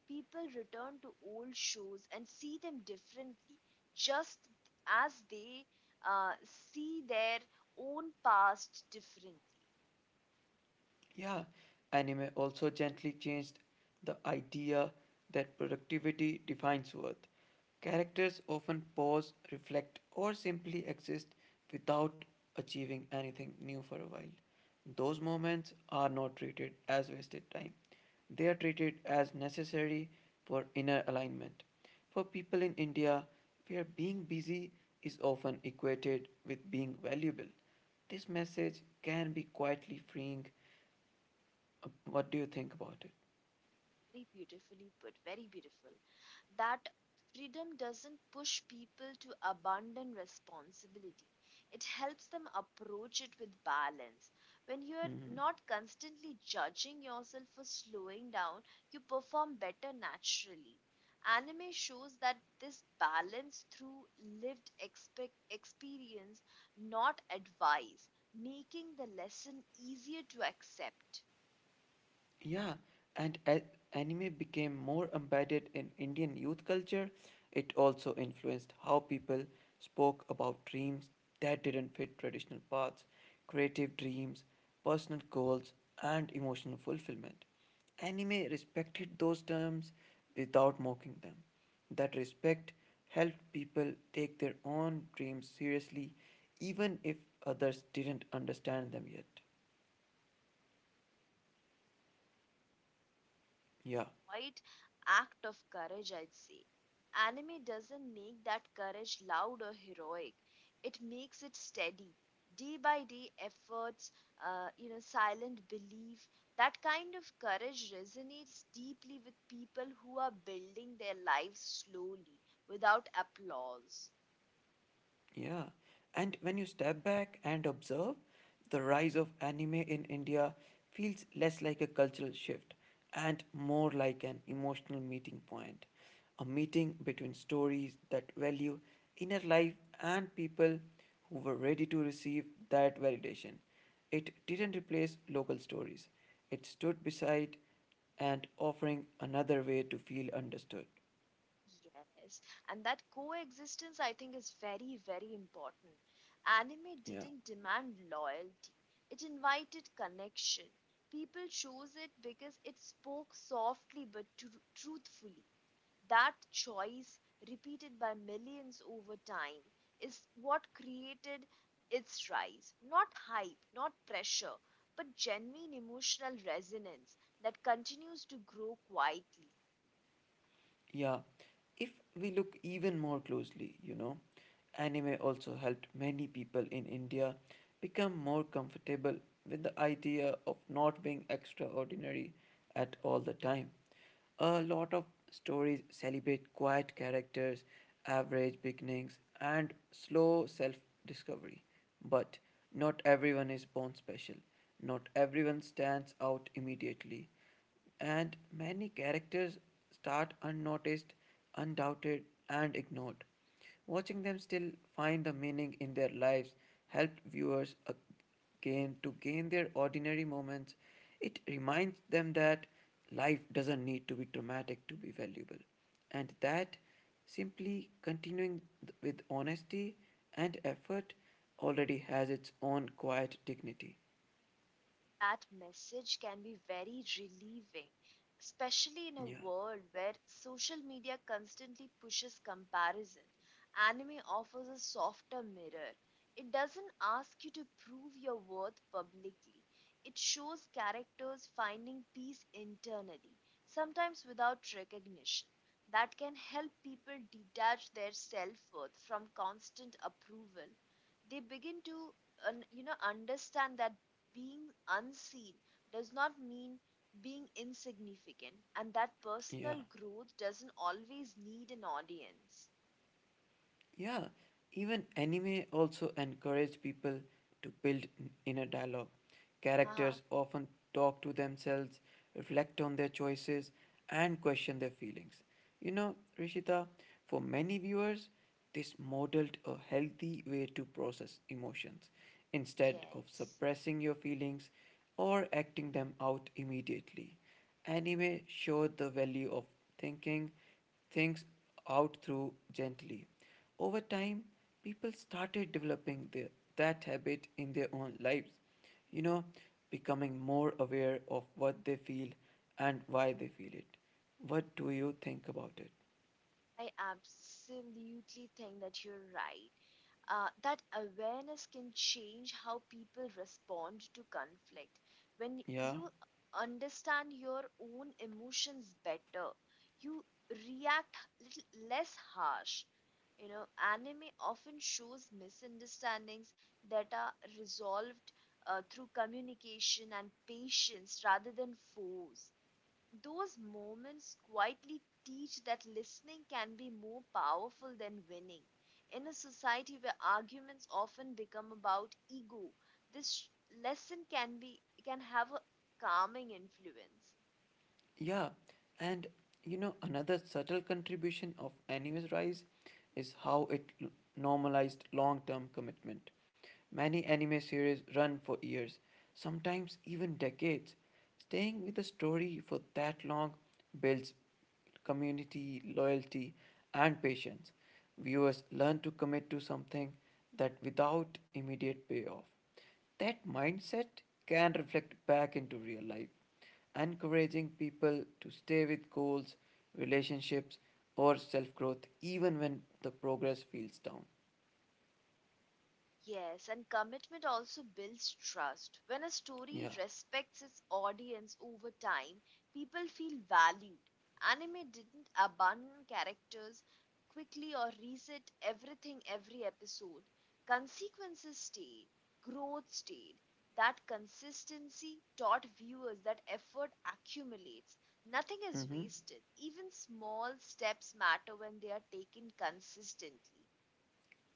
Speaker 2: People return to old shows and see them differently, just as they see their own past differently.
Speaker 1: Yeah, anime also gently changed the idea that productivity defines worth. Characters often pause, reflect, or simply exist without achieving anything new for a while. Those moments are not treated as wasted time, they are treated as necessary for inner alignment. For people in India, where being busy is often equated with being valuable, this message can be quietly freeing. What do you think about it?
Speaker 2: Very beautifully put, very beautiful. That freedom doesn't push people to abandon responsibility, it helps them approach it with balance. When you're
Speaker 1: Mhm.
Speaker 2: not constantly judging yourself for slowing down, you perform better naturally. Anime shows that this balance through lived expec experience, not advice, making the lesson easier to accept.
Speaker 1: Yeah, and as anime became more embedded in Indian youth culture, it also influenced how people spoke about dreams that didn't fit traditional paths, creative dreams, personal goals, and emotional fulfillment. Anime respected those terms without mocking them. That respect helped people take their own dreams seriously, even if others didn't understand them yet. Yeah,
Speaker 2: Quite act of courage, I'd say. Anime doesn't make that courage loud or heroic, it makes it steady. Day by day efforts, silent belief, that kind of courage resonates deeply with people who are building their lives slowly without applause.
Speaker 1: yeah. And when you step back and observe, the rise of anime in India feels less like a cultural shift and more like an emotional meeting point. A meeting between stories that value inner life and people who were ready to receive that validation. It didn't replace local stories, it stood beside and offering another way to feel understood.
Speaker 2: Yes, and that coexistence, I think, is very, very important. Anime
Speaker 1: Yeah.
Speaker 2: didn't demand loyalty, it invited connection. People chose it because it spoke softly but truthfully. That choice, repeated by millions over time, is what created its rise. Not hype, not pressure, but genuine emotional resonance that continues to grow quietly.
Speaker 1: Yeah. If we look even more closely, you know, anime also helped many people in India become more comfortable with the idea of not being extraordinary at all the time. A lot of stories celebrate quiet characters, average beginnings, and slow self discovery. But not everyone is born special. Not everyone stands out immediately. And many characters start unnoticed, undoubted, and ignored. Watching them still find the meaning in their lives helped viewers again to gain their ordinary moments. It reminds them that life doesn't need to be dramatic to be valuable, and that simply continuing with honesty and effort already has its own quiet dignity.
Speaker 2: That message can be very relieving, especially in a
Speaker 1: Yeah,
Speaker 2: world where social media constantly pushes comparison. Anime offers a softer mirror. It doesn't ask you to prove your worth publicly. It shows characters finding peace internally, sometimes without recognition. That can help people detach their self worth from constant approval. They begin to understand that being unseen does not mean being insignificant, and that
Speaker 1: yeah.
Speaker 2: personal growth doesn't always need an audience.
Speaker 1: Yeah, even anime also encourage people to build inner dialogue.
Speaker 2: Haha,
Speaker 1: Characters often talk to themselves, reflect on their choices, and question their feelings. You know, Rishita, for many viewers, this modeled a healthy way to process emotions instead of
Speaker 2: yes.
Speaker 1: suppressing your feelings or acting them out immediately. Anime showed the value of thinking things out through gently over time, people started developing that habit in their own lives, you know, becoming more aware of what they feel and why they feel it. What do you think about it?
Speaker 2: I absolutely think that you're right. That awareness can change how people respond to conflict. When
Speaker 1: Yeah.
Speaker 2: you understand your own emotions better, you react little less harsh. You know, anime often shows misunderstandings that are resolved through communication and patience rather than force. Those moments quietly teach that listening can be more powerful than winning. In a society where arguments often become about ego, this sh- lesson can be can have a calming influence.
Speaker 1: Yeah, and you know, another subtle contribution of anime's rise is how normalized long term commitment. Many anime series run for years, sometimes even decades. Staying with a story for that long builds community, loyalty, and patience. Viewers learn to commit to something that without immediate payoff. That mindset can reflect back into real life encouraging people to stay with goals, relationships, or self growth even when the progress feels down.
Speaker 2: Yes, and commitment also builds trust. When a story
Speaker 1: Yeah.
Speaker 2: respects its audience over time, people feel valued. Anime didn't abandon characters quickly or reset everything every episode. Consequences stayed, growth stayed. That consistency taught viewers that effort accumulates. Nothing is
Speaker 1: Mm-hmm.
Speaker 2: wasted. Even small steps matter when they are taken consistently.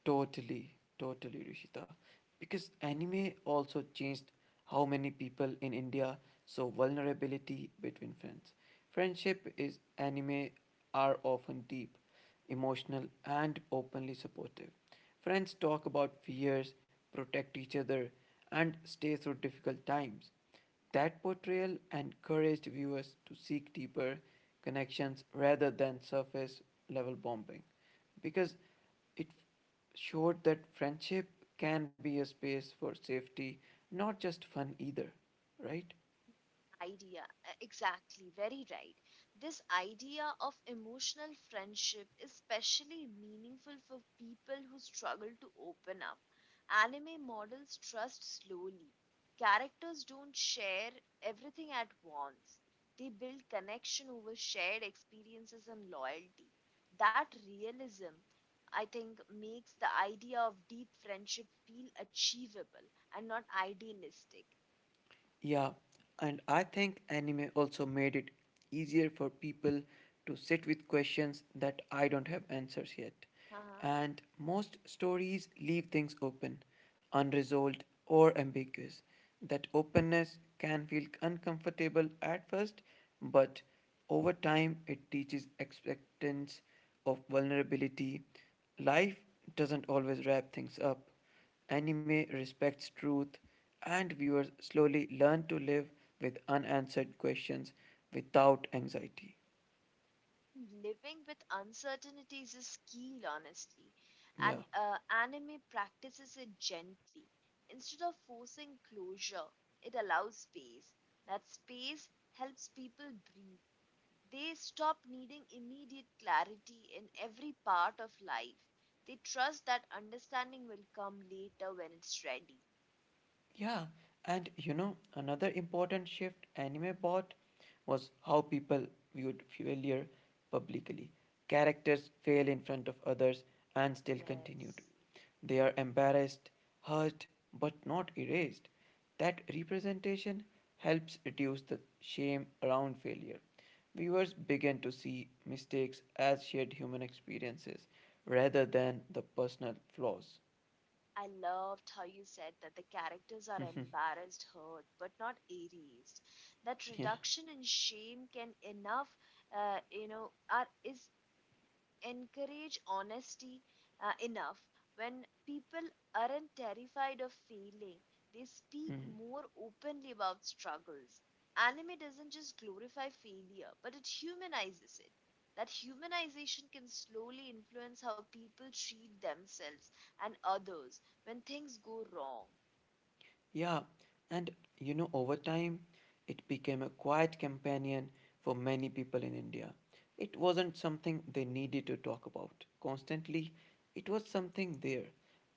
Speaker 1: Totally. Totally, Rishita. Because anime also changed how many people in India So vulnerability between friends. Friendship is anime are often deep, emotional and openly supportive. Friends talk about fears, protect each other and stay through difficult times. That portrayal encouraged viewers to seek deeper connections rather than surface level bombing because it showed that friendship can be a space for safety, not just fun either, right?
Speaker 2: Idea exactly very right. This idea of emotional friendship is especially meaningful for people who struggle to open up. Anime models trust slowly. Characters don't share everything at once. They build connection over shared experiences and loyalty. That realism, I think, makes the idea of deep friendship feel achievable and not idealistic.
Speaker 1: Yeah, and I think anime also made it easier for people to sit with questions that I don't have answers yet. And most stories leave things open, unresolved, or ambiguous. That openness can feel uncomfortable at first, but over time it teaches acceptance of vulnerability. Life doesn't always wrap things up. Anime respects truth, and viewers slowly learn to live with unanswered questions without anxiety.
Speaker 2: Living with uncertainties is key, honestly, and
Speaker 1: Yeah.
Speaker 2: anime practices it gently. Instead of forcing closure, it allows space. That space helps people breathe. They stop needing immediate clarity in every part of life. They trust that understanding will come later when it's ready.
Speaker 1: Yeah, and you know, another important shift anime brought was how people viewed failure publicly. Characters fail in front of others and still continued.
Speaker 2: Yes.
Speaker 1: They are embarrassed, hurt, but not erased. That representation helps reduce the shame around failure. Viewers begin to see mistakes as shared human experiences rather than the personal flaws.
Speaker 2: I loved how you said that the characters are
Speaker 1: yeah.
Speaker 2: embarrassed, hurt, but not erased. That reduction in shame can enough, you know, are is encourage honesty enough. When people aren't terrified of failing, they speak
Speaker 1: mhm.
Speaker 2: more openly about struggles. Anime doesn't just glorify failure, but it humanizes it. That humanization can slowly influence how people treat themselves and others when things go wrong.
Speaker 1: Yeah, and you know, over time, it became a quiet companion for many people in India. It wasn't something they needed to talk about constantly, it was something there,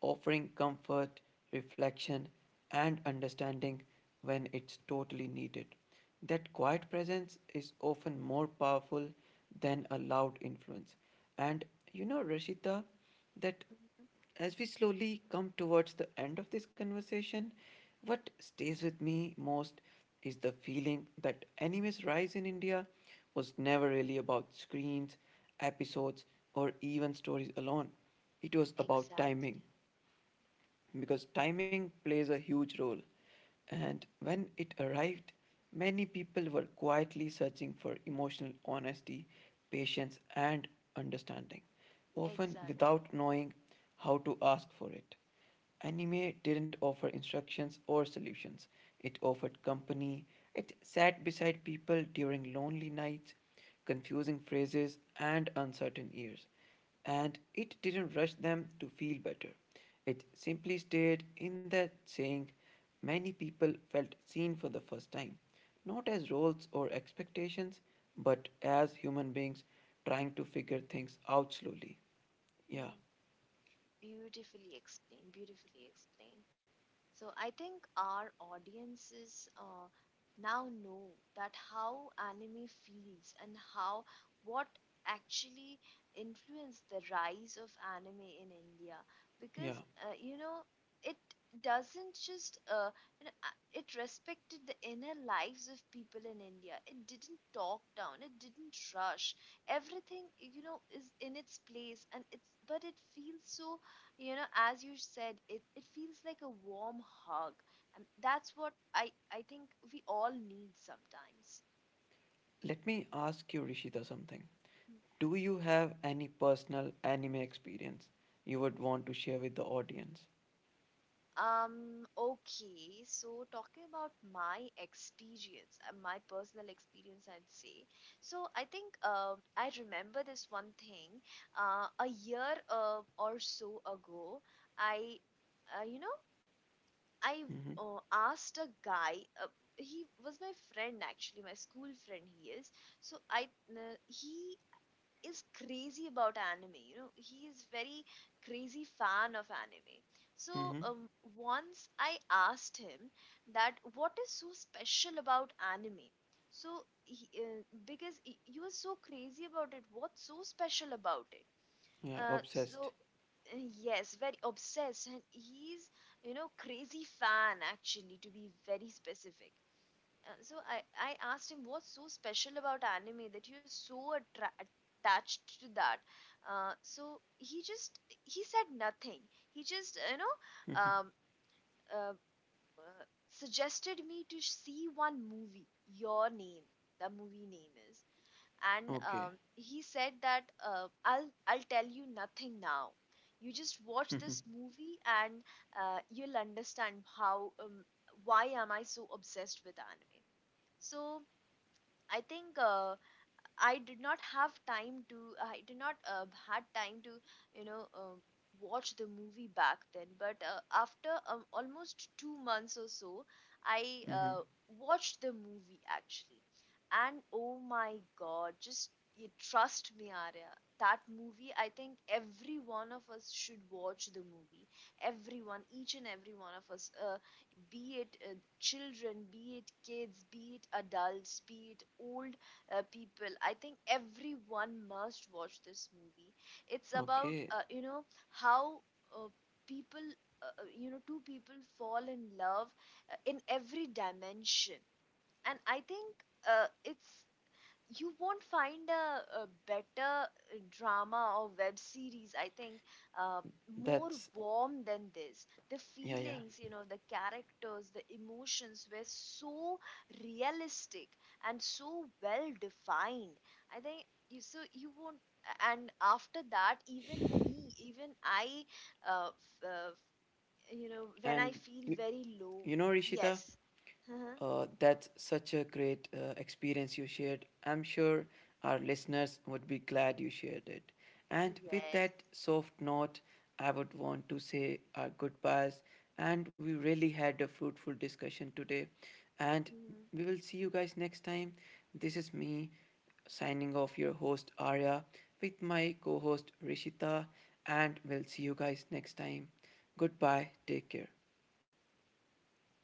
Speaker 1: offering comfort, reflection, and understanding when it's totally needed. That quiet presence is often more powerful than a loud influence. And you know, Rashita, that
Speaker 2: Mhm.
Speaker 1: as we slowly come towards the end of this conversation, what stays with me most is the feeling that anime's rise in India was never really about screens, episodes, or even stories alone. It was about
Speaker 2: Exactly.
Speaker 1: timing, because timing plays a huge role. And when it arrived, many people were quietly searching for emotional honesty, patience, and understanding, often
Speaker 2: Exactly.
Speaker 1: without knowing how to ask for it. Anime didn't offer instructions or solutions, it offered company, it sat beside people during lonely nights, confusing phrases, and uncertain years and it didn't rush them to feel better. It simply stayed in that saying many people felt seen for the first time, not as roles or expectations, but as human beings trying to figure things out slowly. Yeah,
Speaker 2: Mm. Beautifully explained, beautifully explained. So I think our audiences now know that how anime feels and how what actually influenced the rise of anime in India.
Speaker 1: yeah.
Speaker 2: Because you know, it doesn't just it respected the inner lives of people in India. It didn't talk down. It didn't rush. Everything, you know, is in its place, and it's but it feels so, you know, as you said, it feels like a warm hug, and that's what I think we all need sometimes.
Speaker 1: Let me ask you, Rishita, something.
Speaker 2: Mm.
Speaker 1: Do you have any personal anime experience you would want to share with the audience?
Speaker 2: Okay, so talking about my experience, my personal experience, I'd say, so I think I remember this one thing a year or so ago, I you know I
Speaker 1: Mm-hmm.
Speaker 2: asked a guy. Uh, he was my friend, actually, my school friend. He is. So he is crazy about anime. You know, he is very crazy fan of anime. So
Speaker 1: Mm-hmm.
Speaker 2: once I asked him that what is so special about anime. So because you are so crazy about it, what's so special about it?
Speaker 1: Yeah,
Speaker 2: Uh,
Speaker 1: obsessed.
Speaker 2: so yes, very obsessed, and he's, you know, crazy fan actually, to be very specific. So I asked him what's so special about anime that you're so attached to that. So he said nothing. He just you know uh, uh, suggested me to see one movie. Your name, the movie name is. And
Speaker 1: okay.
Speaker 2: he said that I'll tell you nothing now. You just watch this movie and you'll understand how why am I so obsessed with anime. So I think I did not have time to. I did not had time to, you know, watch the movie back then. But after almost 2 months or so, I
Speaker 1: Mm-hmm.
Speaker 2: watched the movie actually, and oh my god, just you trust me, Arya. That movie, I think every one of us should watch the movie. Everyone, each and every one of us, be it children, be it kids, be it adults, be it old people. I think everyone must watch this movie. It's about
Speaker 1: Okay.
Speaker 2: you know, how uh, people you know, two people fall in love in every dimension. And I think it's you won't find a better drama or web series, I think, uh, more
Speaker 1: That's
Speaker 2: warm than this. The
Speaker 1: yeah, yeah.
Speaker 2: feelings, you know, the characters, the emotions were so realistic and so well defined, I think. You so you won't and After that, even me, even I uh, f- uh, f- you know, when I
Speaker 1: And
Speaker 2: feel very low.
Speaker 1: You know, Rishita,
Speaker 2: Yes.
Speaker 1: that's such a great experience you shared. I'm sure our listeners would be glad you shared it. And with
Speaker 2: Yes.
Speaker 1: that soft note, I would want to say our goodbyes. And we really had a fruitful discussion today. And
Speaker 2: Hmm.
Speaker 1: we will see you guys next time. This is me signing off your host Arya with my co host Rishita. And we'll see you guys next time. Goodbye. Take care.
Speaker 2: Take care.